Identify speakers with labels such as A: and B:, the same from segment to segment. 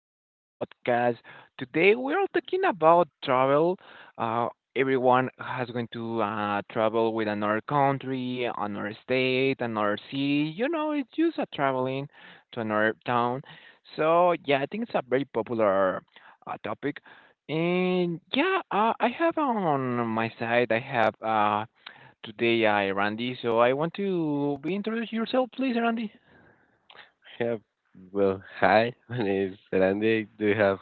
A: in another podcast. Today, we're talking about travel. Uh, everyone has going to travel with another country, another state, another city. You know, it's just a traveling to another town. So, yeah, I think it's a very popular topic. And I have on my side, I have today Randy. So, I want to be introduce yourself, please, Randy.
B: Yeah. Well, hi, my name is Randy. Do you have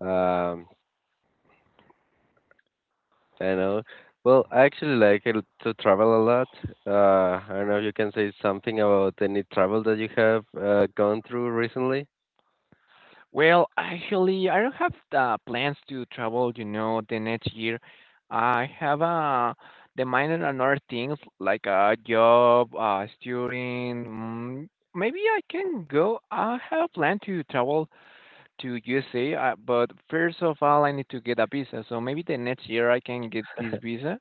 B: um I know. Well, I actually like it to travel a lot. I don't know if you can say something about any travel that you have gone through recently.
A: Well, actually, I don't have the plans to travel, you know, the next year. I have the minor and other things like a job, student. Maybe I can go. I have a plan to travel to USA, but first of all, I need to get a visa. So maybe the next year I can get this visa.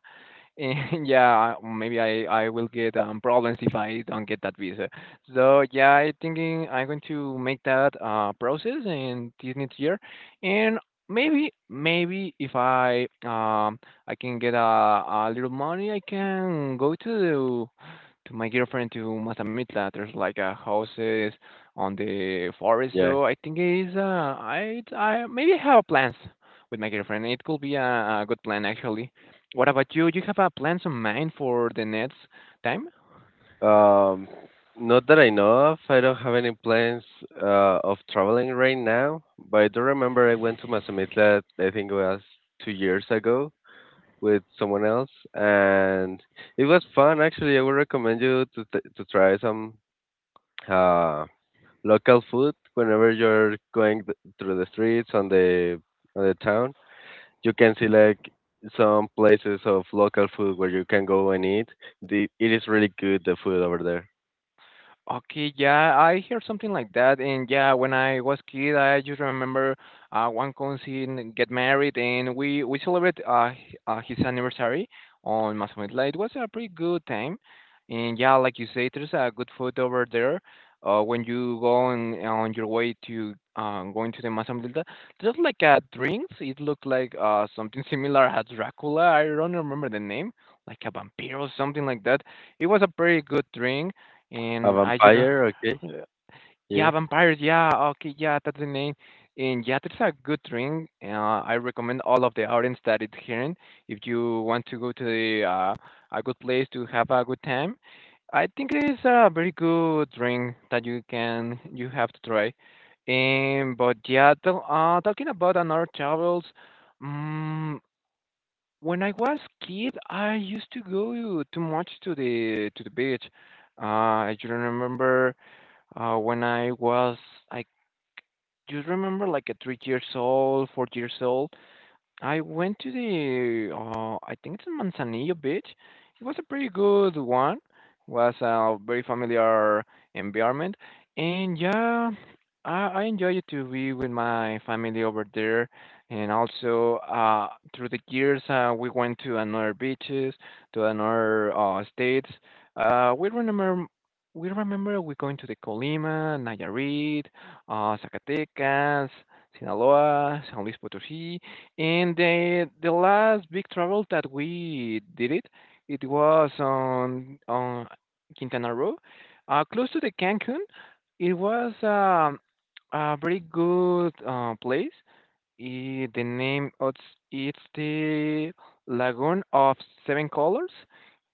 A: And maybe I will get problems if I don't get that visa. So yeah, I thinking I'm going to make that process in this next year, and maybe if I can get a little money, I can go to my girlfriend to Mazamitla. There's like a houses on the forest,
B: Yeah.
A: so I think it's I maybe I have plans with my girlfriend. It could be a good plan actually. What about you? Do you have plans in mind for the next time?
B: Um, Not that I know of. I don't have any plans of traveling right now, but I do remember I went to Mazamitla, I think it was 2 years ago, with someone else, and it was fun. Actually, I would recommend you to to try some uh, local food whenever you're going through the streets on the town. You can see like some places of local food where you can go and eat. It is really good the food over there.
A: Okay, yeah, I hear something like that, and yeah, when I was kid, I just remember one cousin get married, and we celebrate his anniversary on Mazamitla. It was a pretty good time, and yeah, like you say, there's a good food over there. When you go on your way to going to the Mazamitla, just like drinks, it looked like something similar as Dracula. I don't remember the name, like a vampire or something like that it was a pretty good drink
B: A
A: and I just
B: vampire, okay,
A: yeah,
B: yeah,
A: vampires. Yeah, okay, yeah, that's the name. And yeah, that's a good drink. I recommend all of the audience that is hearing. If you want to go to a good place to have a good time, I think it is a very good drink that you have to try. But yeah, talking about another travels, mm when I was kid, I used to go too much to the beach. Uh, I just remember when I was, I just remember like a 3 years old, 4 years old. I went to the, I think it's in Manzanillo Beach. It was a pretty good one. Was a very familiar environment, and yeah, I enjoy it to be with my family over there. And also, through the years, we went to another beaches, to another states. Uh, we remember. We remember we going to the Colima, Nayarit, Zacatecas, Sinaloa, San Luis Potosí. And the last big travel that we did it, it was on Quintana Roo, close to the Cancun. It was a very good place. The name of it's the Lagoon of Seven Colors.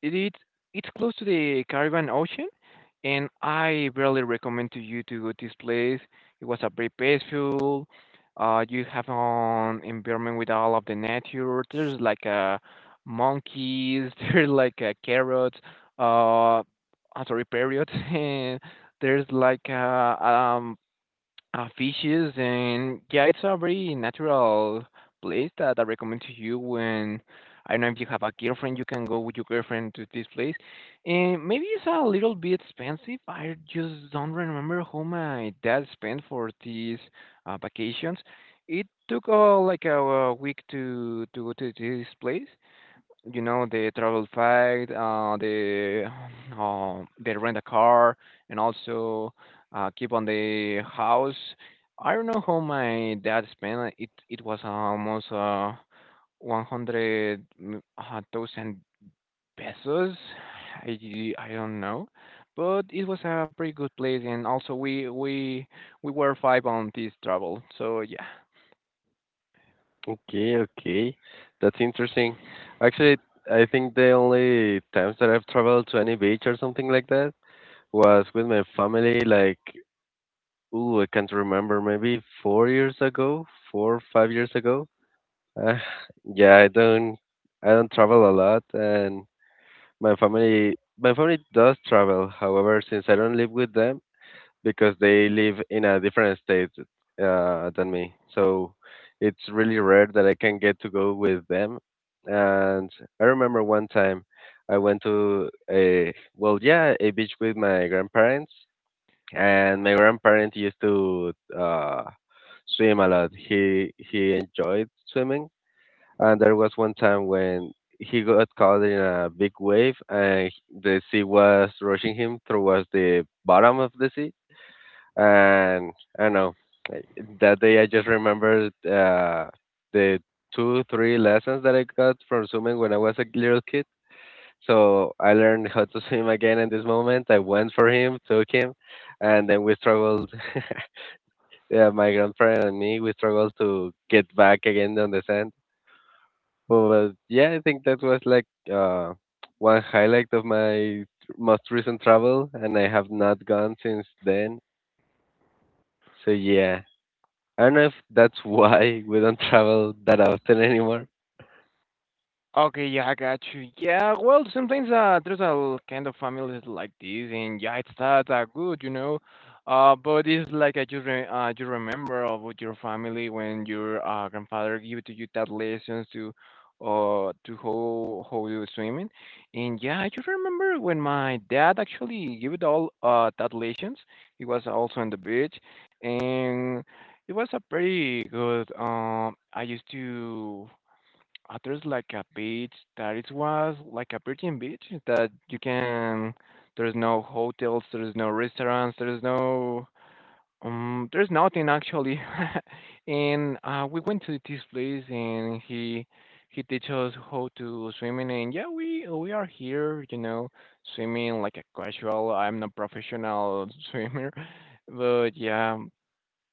A: It is it's close to the Caribbean Ocean, and I really recommend to you to go to this place. It was a very peaceful. You have an environment with all of the nature. There's like monkeys. There's like carrots. Uh, I'm sorry, parrots. and there's like fishes and yeah, it's a very natural place that I recommend to you when I don't know if you have a girlfriend, you can go with your girlfriend to this place. And maybe it's a little bit expensive. I just don't remember how my dad spent for these vacations. It took like a week to go to this place, you know the travel fact, the rent a car, and also keep on the house. I don't know how my dad spent it. It was almost 100,000 pesos. I I don't know, but it was a pretty good place, and also we were five on this travel. So yeah.
B: okay, okay, that's interesting. Actually, I think the only times that I've traveled to any beach or something like that was with my family like I can't remember, maybe 4 years ago, four five years ago. Uh, yeah, I don't travel a lot, and my family does travel. However, since I don't live with them because they live in a different state than me, so it's really rare that I can get to go with them. And I remember one time I went to a, well, yeah, a beach with my grandparents, and my grandparent used to swim a lot. He enjoyed swimming, and there was one time when he got caught in a big wave, and the sea was rushing him towards the bottom of the sea. And I don't know, like, that day I just remembered the two three lessons that I got from swimming when I was a little kid. So I learned how to swim again in this moment. I went for him, took him, and then we struggled Yeah, my girlfriend and me, we struggled to get back again on the sand. But yeah, I think that was like uh, one highlight of my most recent travel, and I have not gone since then. So yeah, I don't know if that's why we don't travel that often anymore.
A: Okay, yeah, I got you. Yeah, well, sometimes there's a kind of families like this, and yeah, it's not that good, you know. But it's like you remember of what your family when your grandfather give to you that lessons to how you swimming, and yeah, I just remember when my dad actually gave it all that lessons. He was also on the beach, and it was a pretty good. I used to there's like a beach that it was like a virgin beach that you can there's no hotels, there's no restaurants, there's no there's nothing actually. and we went to this place and he teaches us how to swimming and yeah we are here, you know, swimming like a casual. I'm not professional swimmer. But yeah,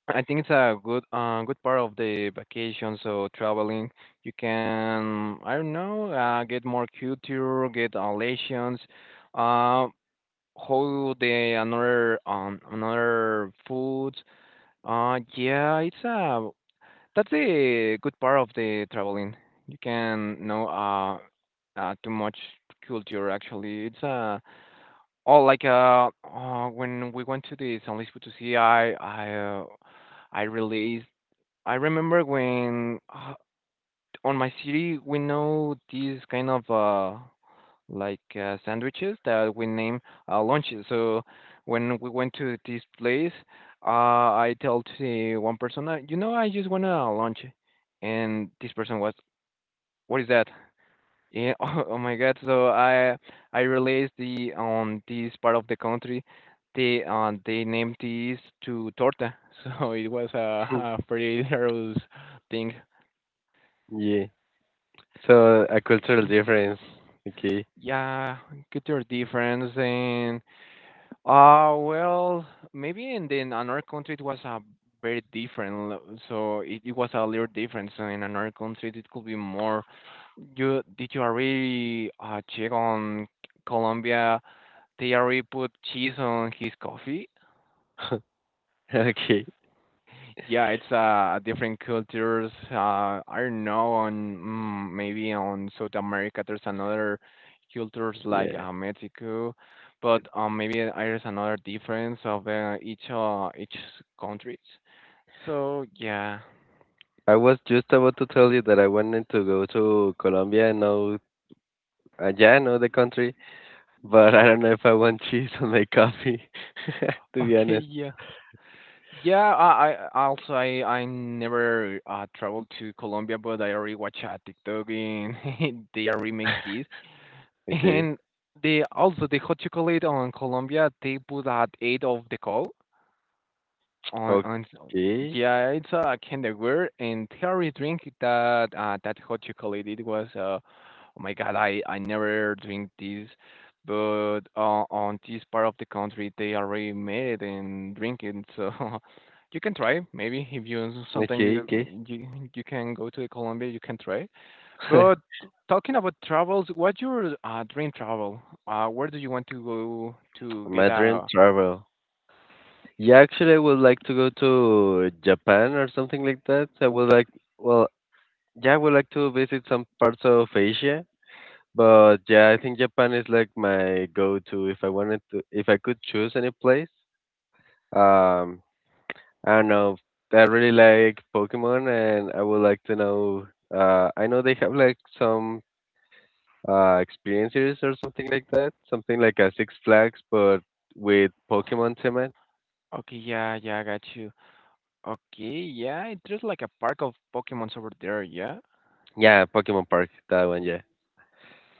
A: I think it's a good good part of the vacation. So traveling, you can I don't know get more culture, get lessons, uh, how the another another foods. Yeah, it's a that's the good part of the traveling. You can know too much culture actually. It's uh oh like when we went to the San Luis Potosí, Uh, I released I remember when on my city we know these kind of like sandwiches that we name lunches. So when we went to this place, uh, I tell to the one person, you know, I just want a lunch, and this person was, what is that? Yeah, oh, oh my God! I realized the on this part of the country, they named these to torta, so it was a pretty hilarious thing.
B: Yeah, so a cultural difference. Okay.
A: Yeah, culture your difference and uh well maybe in in another country it was a very different so it was a little different so in another country it could be more you did you already check on Colombia they already put cheese on his coffee.
B: Okay,
A: Yeah, it's different cultures. I don't know on maybe on South America there's another cultures like
B: yeah.
A: Mexico, but maybe there's another difference of each countries. So yeah,
B: I was just about to tell you that I wanted to go to Colombia and know the country. But I don't know if I want cheese on my coffee, to be
A: okay,
B: honest.
A: yeah, yeah. I also I never traveled to Colombia, but I already watch a TikTok and they already make this.
B: Okay.
A: And they also the hot chocolate on Colombia they put at eight of the call on so-
B: Okay.
A: yeah it's a candy Weird and they already drink that hot chocolate it was oh my god I never drink this but on this part of the country they already made it and drink it so you can try maybe if you sometime
B: Okay, okay.
A: you you can go to Colombia you can try but talking about travels, what's your dream travel? Where do you want to go to get
B: My dream
A: a?
B: travel. Yeah, actually, I would like to go to Japan or something like that. I would like, well, yeah, I would like to visit some parts of Asia. But yeah, I think Japan is like my go-to if I wanted to, if I could choose any place. Um, I don't know. I really like Pokemon, and I would like to know. I know they have like some experiences or something like that. Something like a Six Flags, but with Pokemon theme.
A: Okay, yeah, yeah, I got you. Okay, yeah, it's just like a park of Pokemons over there, yeah.
B: Yeah, Pokemon Park, that one. Yeah.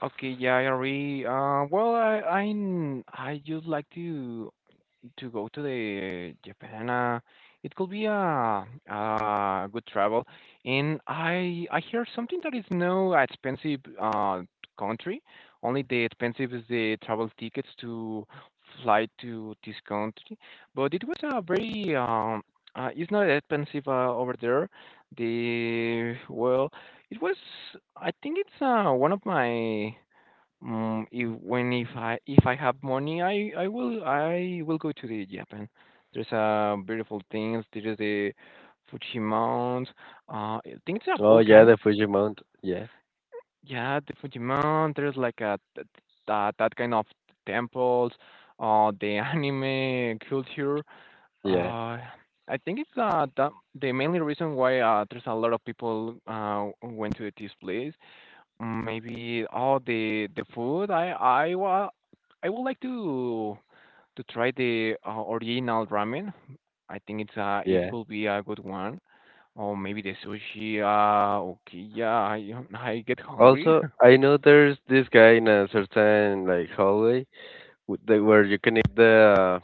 A: Okay, yeah, I agree. Well, I just like to. To go to the Japan, it could be a good travel. And I hear something that is no expensive country. Only the expensive is the travel tickets to fly to this country. But it was a very it's not expensive over there. The well, it was I think it's one of my if I have money, I will I will go to the Japan. There's beautiful things. There is the Fuji Mount. I think it's a
B: Oh yeah,
A: volcano.
B: the Fujimount. Yeah,
A: Yeah, the Fuji Mount. There's like that kind of temples. The anime culture.
B: yeah,
A: Uh, I think it's the mainly reason why there's a lot of people went to this place. Maybe oh the food I wa I would like to try the original ramen. I think it's it
B: yeah.
A: could be a good one. Or maybe the sushi. Okay yeah I get hungry.
B: Also, I know there's this guy in a certain like hallway where you can eat the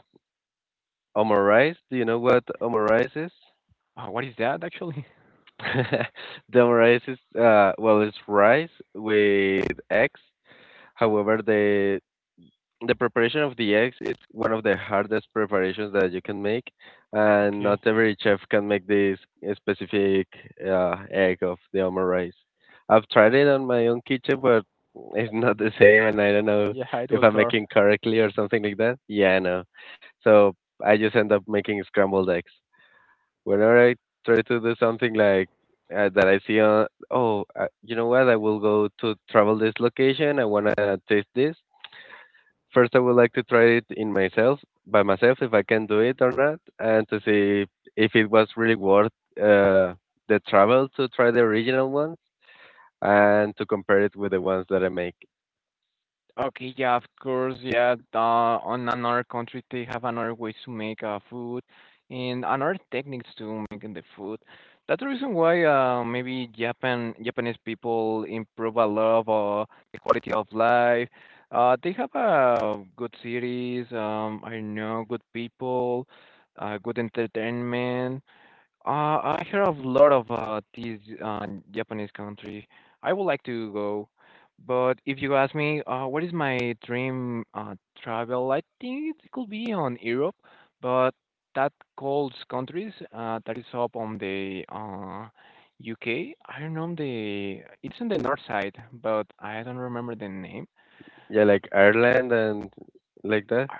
B: omurice. Do you know what omurice is?
A: What is that actually?
B: The omurice is well, it's rice with eggs. However, the preparation of the eggs is one of the hardest preparations that you can make, and
A: Okay
B: not every chef can make this specific egg of the omelet rice. I've tried it on my own kitchen, but it's not the same, and I don't know
A: yeah it
B: if
A: was
B: I'm
A: hard.
B: making correctly or something like that. Yeah, I know. So I just end up making scrambled eggs. Whenever I try to do something like that, I see, oh, you know what? I will go to travel this location. I wanna taste this. First, I would like to try it in myself, by myself, if I can do it or not, and to see if it was really worth uh, the travel to try the original ones and to compare it with the ones that I make.
A: Okay, yeah, of course, yeah. On another country, they have another ways to make food and another techniques to making the food. That's the reason why maybe Japan Japanese people improve a lot of the quality of life. They have good cities. I don't know good people, good entertainment. I hear of a lot of these Japanese country. I would like to go, but if you ask me, what is my dream travel? I think it could be on Europe, but that calls countries that is up on the UK. I don't know the. It's on the north side, but I don't remember the name.
B: Yeah, like Ireland and like that.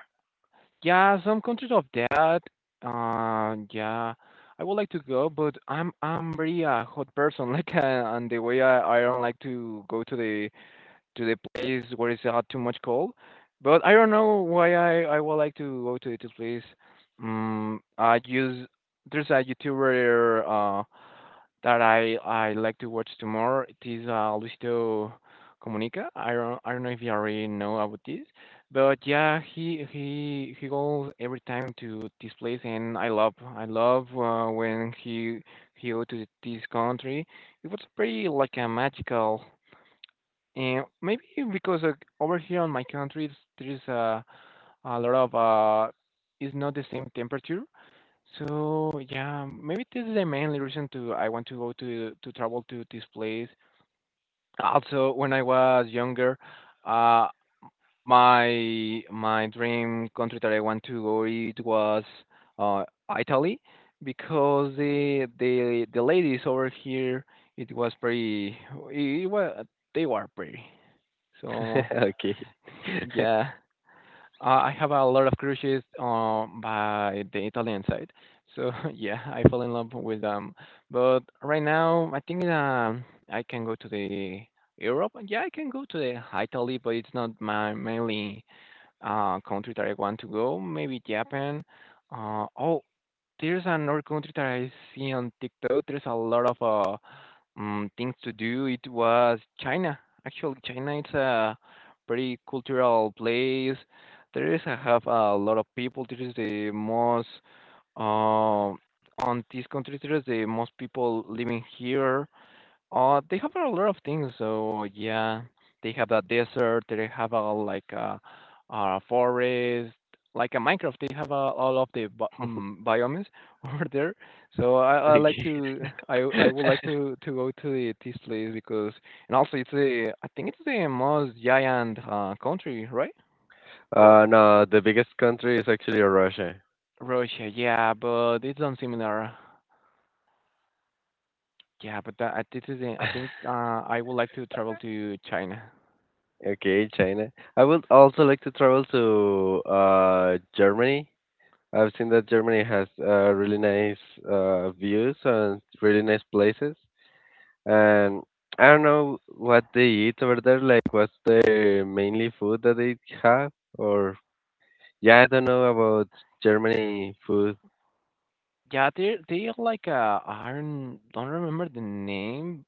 A: Yeah, some countries of that. Uh, yeah, I would like to go, but I'm very a hot person. Like, and the way I don't like to go to the place where it's too much cold. But I don't know why I would like to go to this place. I use there's a YouTuber, that I like to watch tomorrow. It is Luisito Comunica. I don't know if you already know about this, but yeah, he goes every time to this place, and I love when he go to this country. It was pretty like a magical. And maybe because over here on my country, there's a lot of it's not the same temperature, so yeah, maybe this is the mainly reason to I want to go to travel to this place. Also, when I was younger, uh, my dream country that I want to go it was uh Italy because the ladies over here it was pretty it was they were pretty. So
B: Okay.
A: yeah. I have a lot of crushes by the Italian side. So yeah, I fell in love with them. But right now, I think I can go to the Europe. Yeah, I can go to the Italy, but it's not my mainly country that I want to go. Maybe Japan. Uh, oh, there's another country that I see on TikTok. There's a lot of things to do, it was China. Actually, China is a pretty cultural place. There is have a lot of people. There is the most um on this country. There is the most people living here. They have a lot of things. So yeah, they have a desert. They have a like a forest, like a Minecraft. They have all of the biomes over there. So I
B: Okay.
A: like to I I would like to go to this place because and also it's the I think it's the most giant country, right? Or
B: No, the biggest country is actually Russia.
A: Russia, yeah, but it's not similar. Yeah, but that, this is the, I think I would like to travel to China.
B: Okay, China. I would also like to travel to Germany. I've seen that Germany has really nice views and really nice places. And I don't know what they eat over there. Like, what's the mainly food that they have? Or yeah, I don't know about Germany food.
A: Yeah, they're like, I don't remember the name.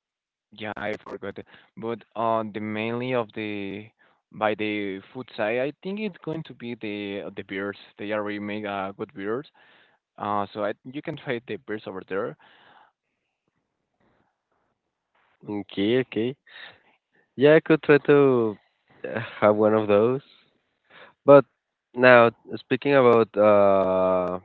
A: Yeah, I forgot it. But the mainly of the by the food side, I think it's going to be the beers. They already make good beers. So you can try the beers over there.
B: Okay, okay. Yeah, I could try to have one of those. But now, speaking about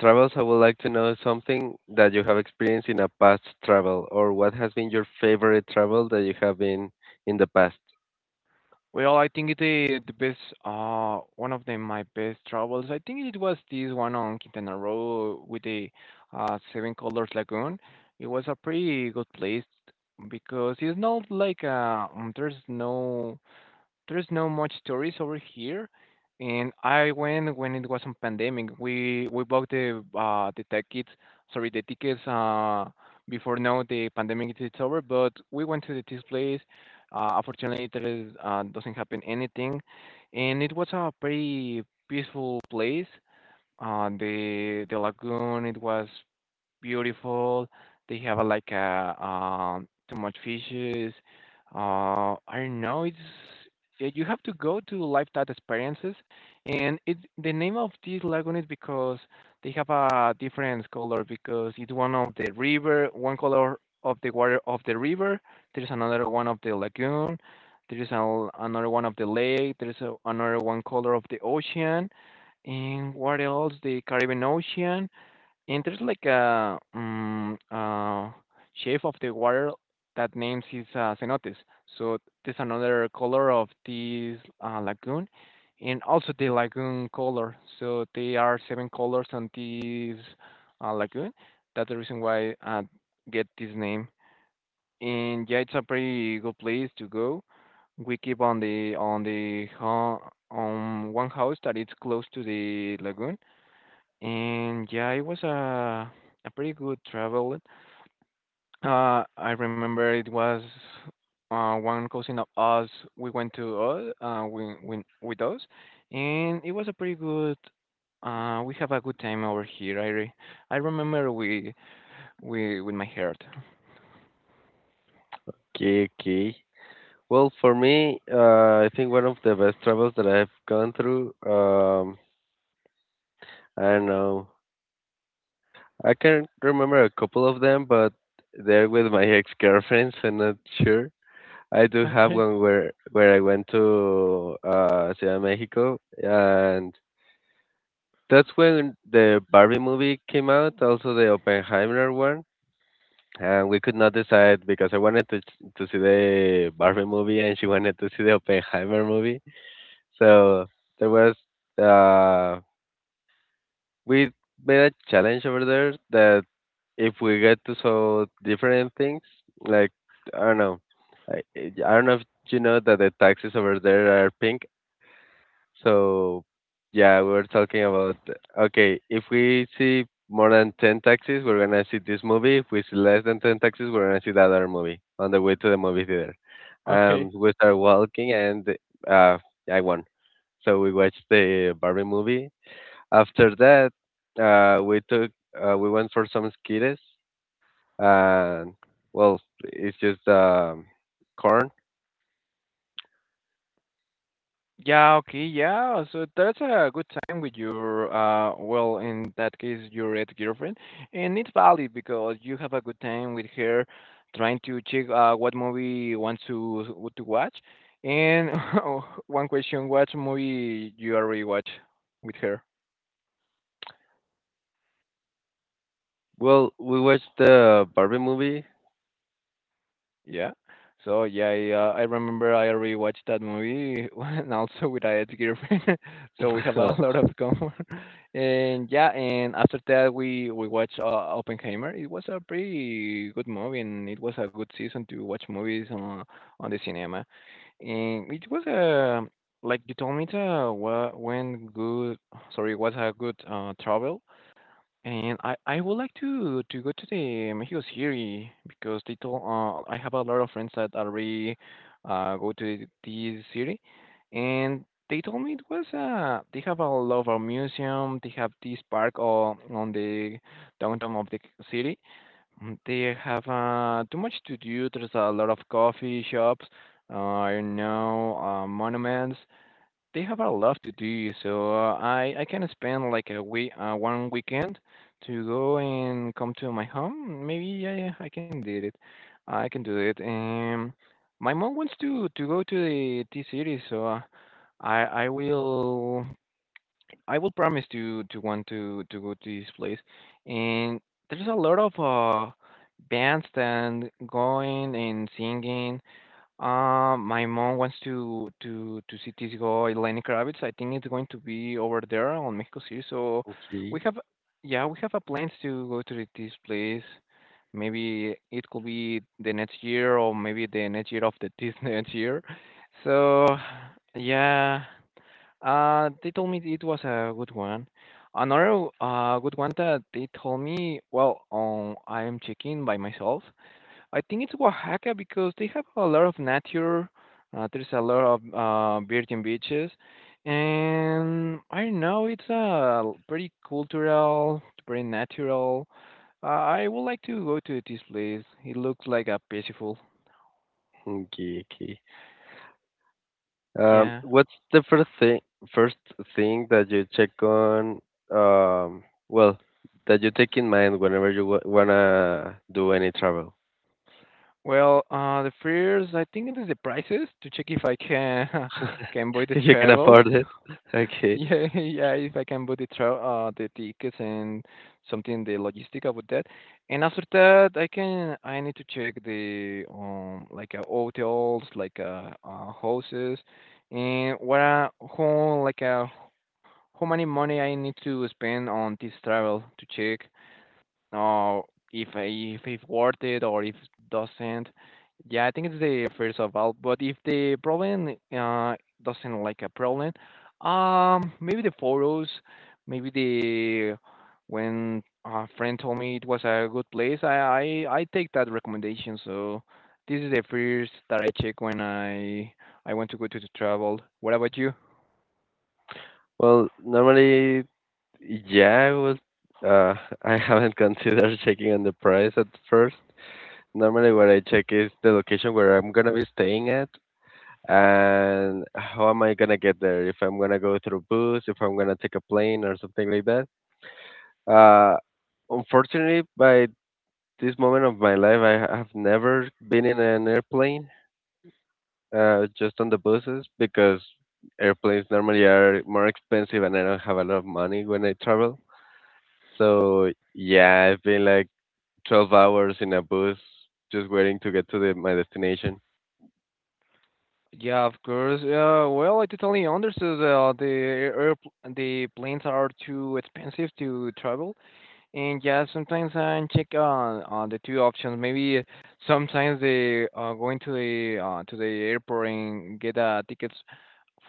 B: travels, I would like to know something that you have experienced in a past travel, or what has been your favorite travel that you have been in the past.
A: Well, I think it the best one of the my best travels. I think it was this one on Quintana Roo with the Seven Colors Lagoon. It was a pretty good place because it's not like there's no much tourists over here. And I went when it was on pandemic. We bought the tickets, sorry, the tickets before now the pandemic is over. But we went to the this place. Unfortunately, there is, doesn't happen anything, and it was a pretty peaceful place. The lagoon, it was beautiful. They have like a too much fishes. I don't know. It's yeah, you have to go to lifestyle experiences, and it the name of this lagoon is because they have a different color because it's one of the river, one color of the water of the river. There's another one of the lagoon. There is another one of the lake. There is another one color of the ocean. And what else? The Caribbean Ocean and there's like a shape of the water that names is cenotes. So this another color of this lagoon, and also the lagoon color. So there are seven colors on this lagoon. That's the reason why I get this name. And yeah, it's a pretty good place to go. We keep on the on the on one house that is close to the lagoon, and yeah, it was a pretty good travel. I remember it was one cousin of us. We went to with us, and it was a pretty good. We have a good time over here. I remember we with my heart.
B: Okay, okay. Well, for me, I think one of the best travels that I've gone through, I don't know, I can remember a couple of them, but they're with my ex-girlfriends, I'm not sure. I do have
A: Okay,
B: one where I went to Ciudad de Mexico, and that's when the Barbie movie came out, also the Oppenheimer one, and we could not decide because I wanted to see the Barbie movie and she wanted to see the Oppenheimer movie. So there was uh we made a challenge over there that if we get to saw different things, like I don't know, I don't know if you know that the taxis over there are pink. So yeah, we were talking about okay, if we see more than 10 taxis, we're gonna see this movie. If we see less than 10 taxis, we're gonna see that other movie on the way to the movie theater.
A: okay.
B: We start walking and uh, I won. So we watched the Barbie movie. After that, uh, we took we went for some skittles. And well, it's just corn.
A: Yeah, okay, yeah. So that's a good time with your, well, in that case, your ex-girlfriend, and it's valid because you have a good time with her, trying to check what movie wants to watch. And one question: What movie you already watch with her?
B: Well, we watched the Barbie movie.
A: Yeah. So yeah, I remember I rewatched that movie and also with my ex-girlfriend. So we have a
B: Oh,
A: lot of common. And yeah, and after that we watched Oppenheimer. It was a pretty good movie and it was a good season to watch movies on the cinema. And it was a like you told me to when good sorry, it was a good travel, and I would like to go to the Mexico City because they told I have a lot of friends that already go to this city, and they told me it was they have a lot of museum. They have this park on the downtown of the city. They have too much to do. There's a lot of coffee shops. I don't know monuments. They have a lot to do, so I can spend like a week, one weekend to go and come to my home. Maybe yeah, yeah, I can do it. I can do it. My mom wants to go to the T city, so I will I will promise to want to go to this place. And there's a lot of bands and going and singing, my mom wants to to see Tisgo Lenny Kravitz. I think it's going to be over there on Mexico City. So we
B: Okay.
A: have, yeah, we have a plans to go to this place. Maybe it could be the next year, or maybe the next year of the this next year. So yeah, they told me it was a good one. Another good one that they told me. Well, I am checking by myself. I think it's Oaxaca because they have a lot of nature. There's a lot of virgin beaches, and I don't know it's a pretty cultural, pretty natural. I would like to go to this place. It looks like a peaceful.
B: Okay, okay.
A: Yeah.
B: What's the first thing that you check on, um well that you take in mind whenever you w wanna do any travel?
A: Well, the fears. I think it is the prices to check if I can can buy the
B: If you can
A: travels.
B: afford it. Okay.
A: Yeah, yeah, if I can book the travel, the tickets and something, the logistic about that. And after that, I need to check the, like hotels, like houses, and what are, how, like how many money I need to spend on this travel to check uh, if it's worth it or if doesn't. Yeah, I think it's the first of all. But if the problem doesn't like a problem, maybe the photos, maybe the when a friend told me it was a good place, I take that recommendation. So this is the first that I check when I want to go to the travel. What about you?
B: Well, normally, yeah, I was uh I haven't considered checking on the price at first. Normally what I check is the location where I'm gonna be staying at and how am I gonna get there. If I'm gonna go through bus, if I'm gonna take a plane or something like that. Uh, Unfortunately, by this moment of my life, I have never been in an airplane, just on the buses, because airplanes normally are more expensive and I don't have a lot of money when I travel. So yeah, I've been like 12 hours in a bus just waiting to get to my destination.
A: Yeah, of course. Well, I totally understood. The air, the planes are too expensive to travel, and yeah, sometimes I check on the two options. Maybe sometimes they going to the airport and get tickets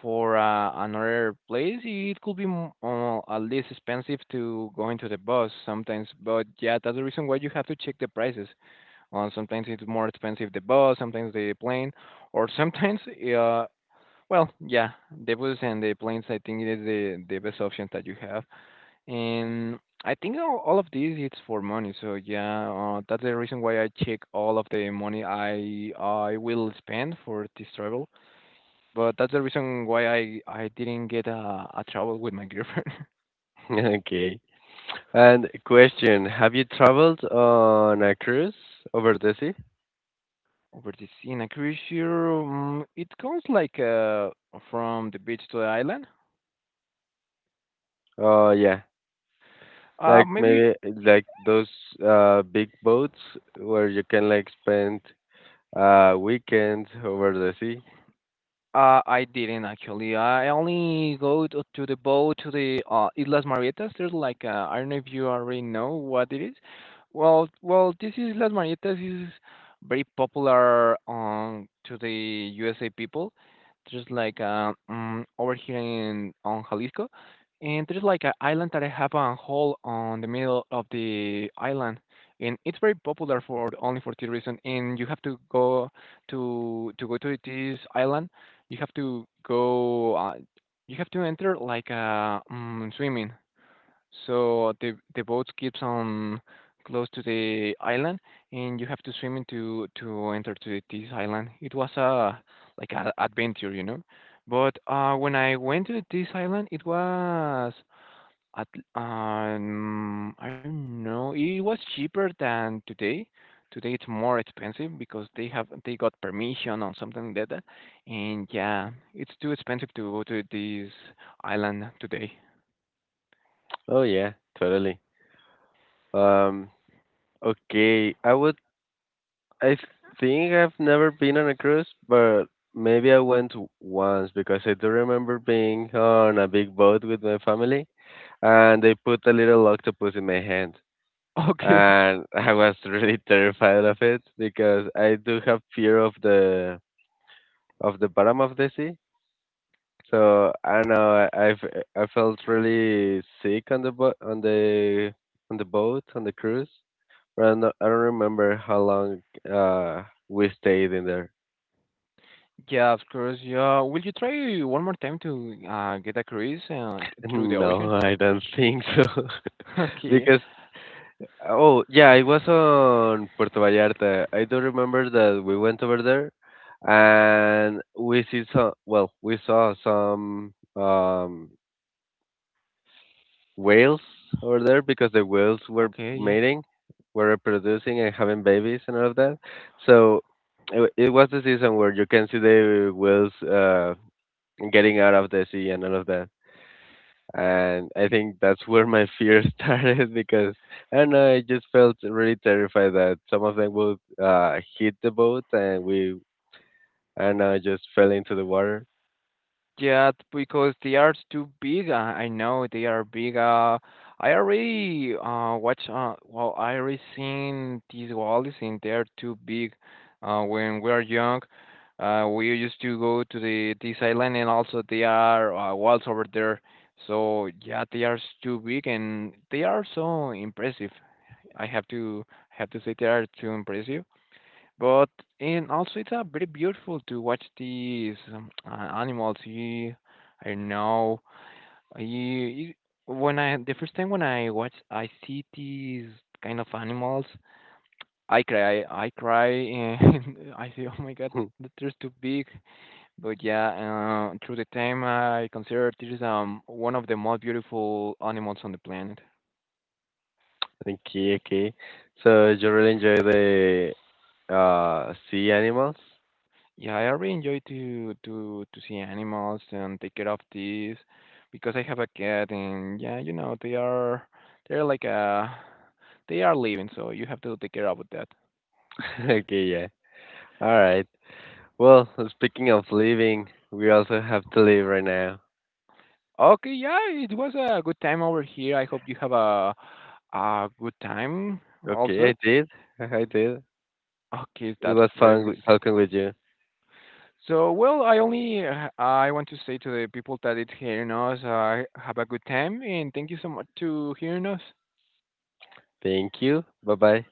A: for another place. It could be at least expensive to going to the bus sometimes. But yeah, that's the reason why you have to check the prices. Sometimes it's more expensive the bus, sometimes the plane or sometimes uh, well, yeah, the Bulls and the planes, I think it is the best option that you have. And I think all of these it's for money. So yeah, that's the reason why I check all of the money I will spend for this travel. But that's the reason why I didn't get a travel with my girlfriend
B: Okay. And question, have you traveled on a cruise over the sea?
A: over this. In a cruise ship, it goes like from the beach to the island.
B: Oh, yeah. Like
A: Maybe
B: maybe like those big boats where you can like spend weekends over the sea.
A: I didn't actually. I only go to the boat to the Islas Marietas. There's like I don't know if you already know what it is. Well, this Islas Marietas is very popular to the USA people. There's like over here in on Jalisco, and there's like an island that I have a hole on the middle of the island, and it's very popular for only for this reason. And you have to go to go to this island, you have to go, you have to enter like swimming. So the boat keeps on close to the island, and you have to swim into to enter to this island. It was a like a adventure, you know. But when I went to this island, it was at I don't know. It was cheaper than today. Today it's more expensive because they got permission on something like that, and yeah, it's too expensive to go to this island today.
B: Oh yeah, totally. Um okay, I think I've never been on a cruise, but maybe I went once, because I do remember being on a big boat with my family and they put a little octopus in my hand.
A: Okay.
B: And I was really terrified of it because I do have fear of the, of the bottom of the sea. So I don't know. I felt really sick on the boat on the cruise. But I don't remember how long uh we stayed in there.
A: Yeah, of course. Yeah. Will you try one more time to get a cruise through the ocean?
B: No, I don't think so.
A: Okay.
B: Because oh yeah, it was on Puerto Vallarta. I do remember that we went over there and we saw some whales over there because the whales were
A: Okay. Yeah.
B: mating, were reproducing and having babies and all of that. So it was the season where you can see the whales getting out of the sea and all of that. And I think that's where my fear started because I don't know, I just felt really terrified that some of them would hit the boat and we, I don't know, just fell into the water.
A: Yeah, because they are too big. Uh, I know they are big. I already watch well I already seen these walls and they are too big. When we are young, we used to go to the this island and also they are walls over there. So yeah, too big and they are so impressive. I have to say they are too impressive. But and also it's very beautiful to watch these animals. You, I don't know. You when I the first time when I watch, I see these kind of animals. I cry. I cry, and I say, "Oh my God, that they're too big." But yeah, through the time, I consider this one of the most beautiful animals on the planet.
B: Okay, okay. So you really enjoy the sea animals?
A: Yeah, I really enjoy to to see animals and take care of these because I have a cat and yeah, you know, they are they're like they are living, so you have to take care of that.
B: Okay, yeah. All right. Well, speaking of leaving, we also have to leave right now.
A: Okay, yeah, it was a good time over here. I hope you have a good time
B: Okay,
A: also.
B: I did. I did.
A: Okay,
B: It
A: that's
B: was fun
A: perfect.
B: talking with you.
A: So, well, I only I want to say to the people that is hearing us, have a good time and thank you so much to hearing us.
B: Thank you. Bye bye.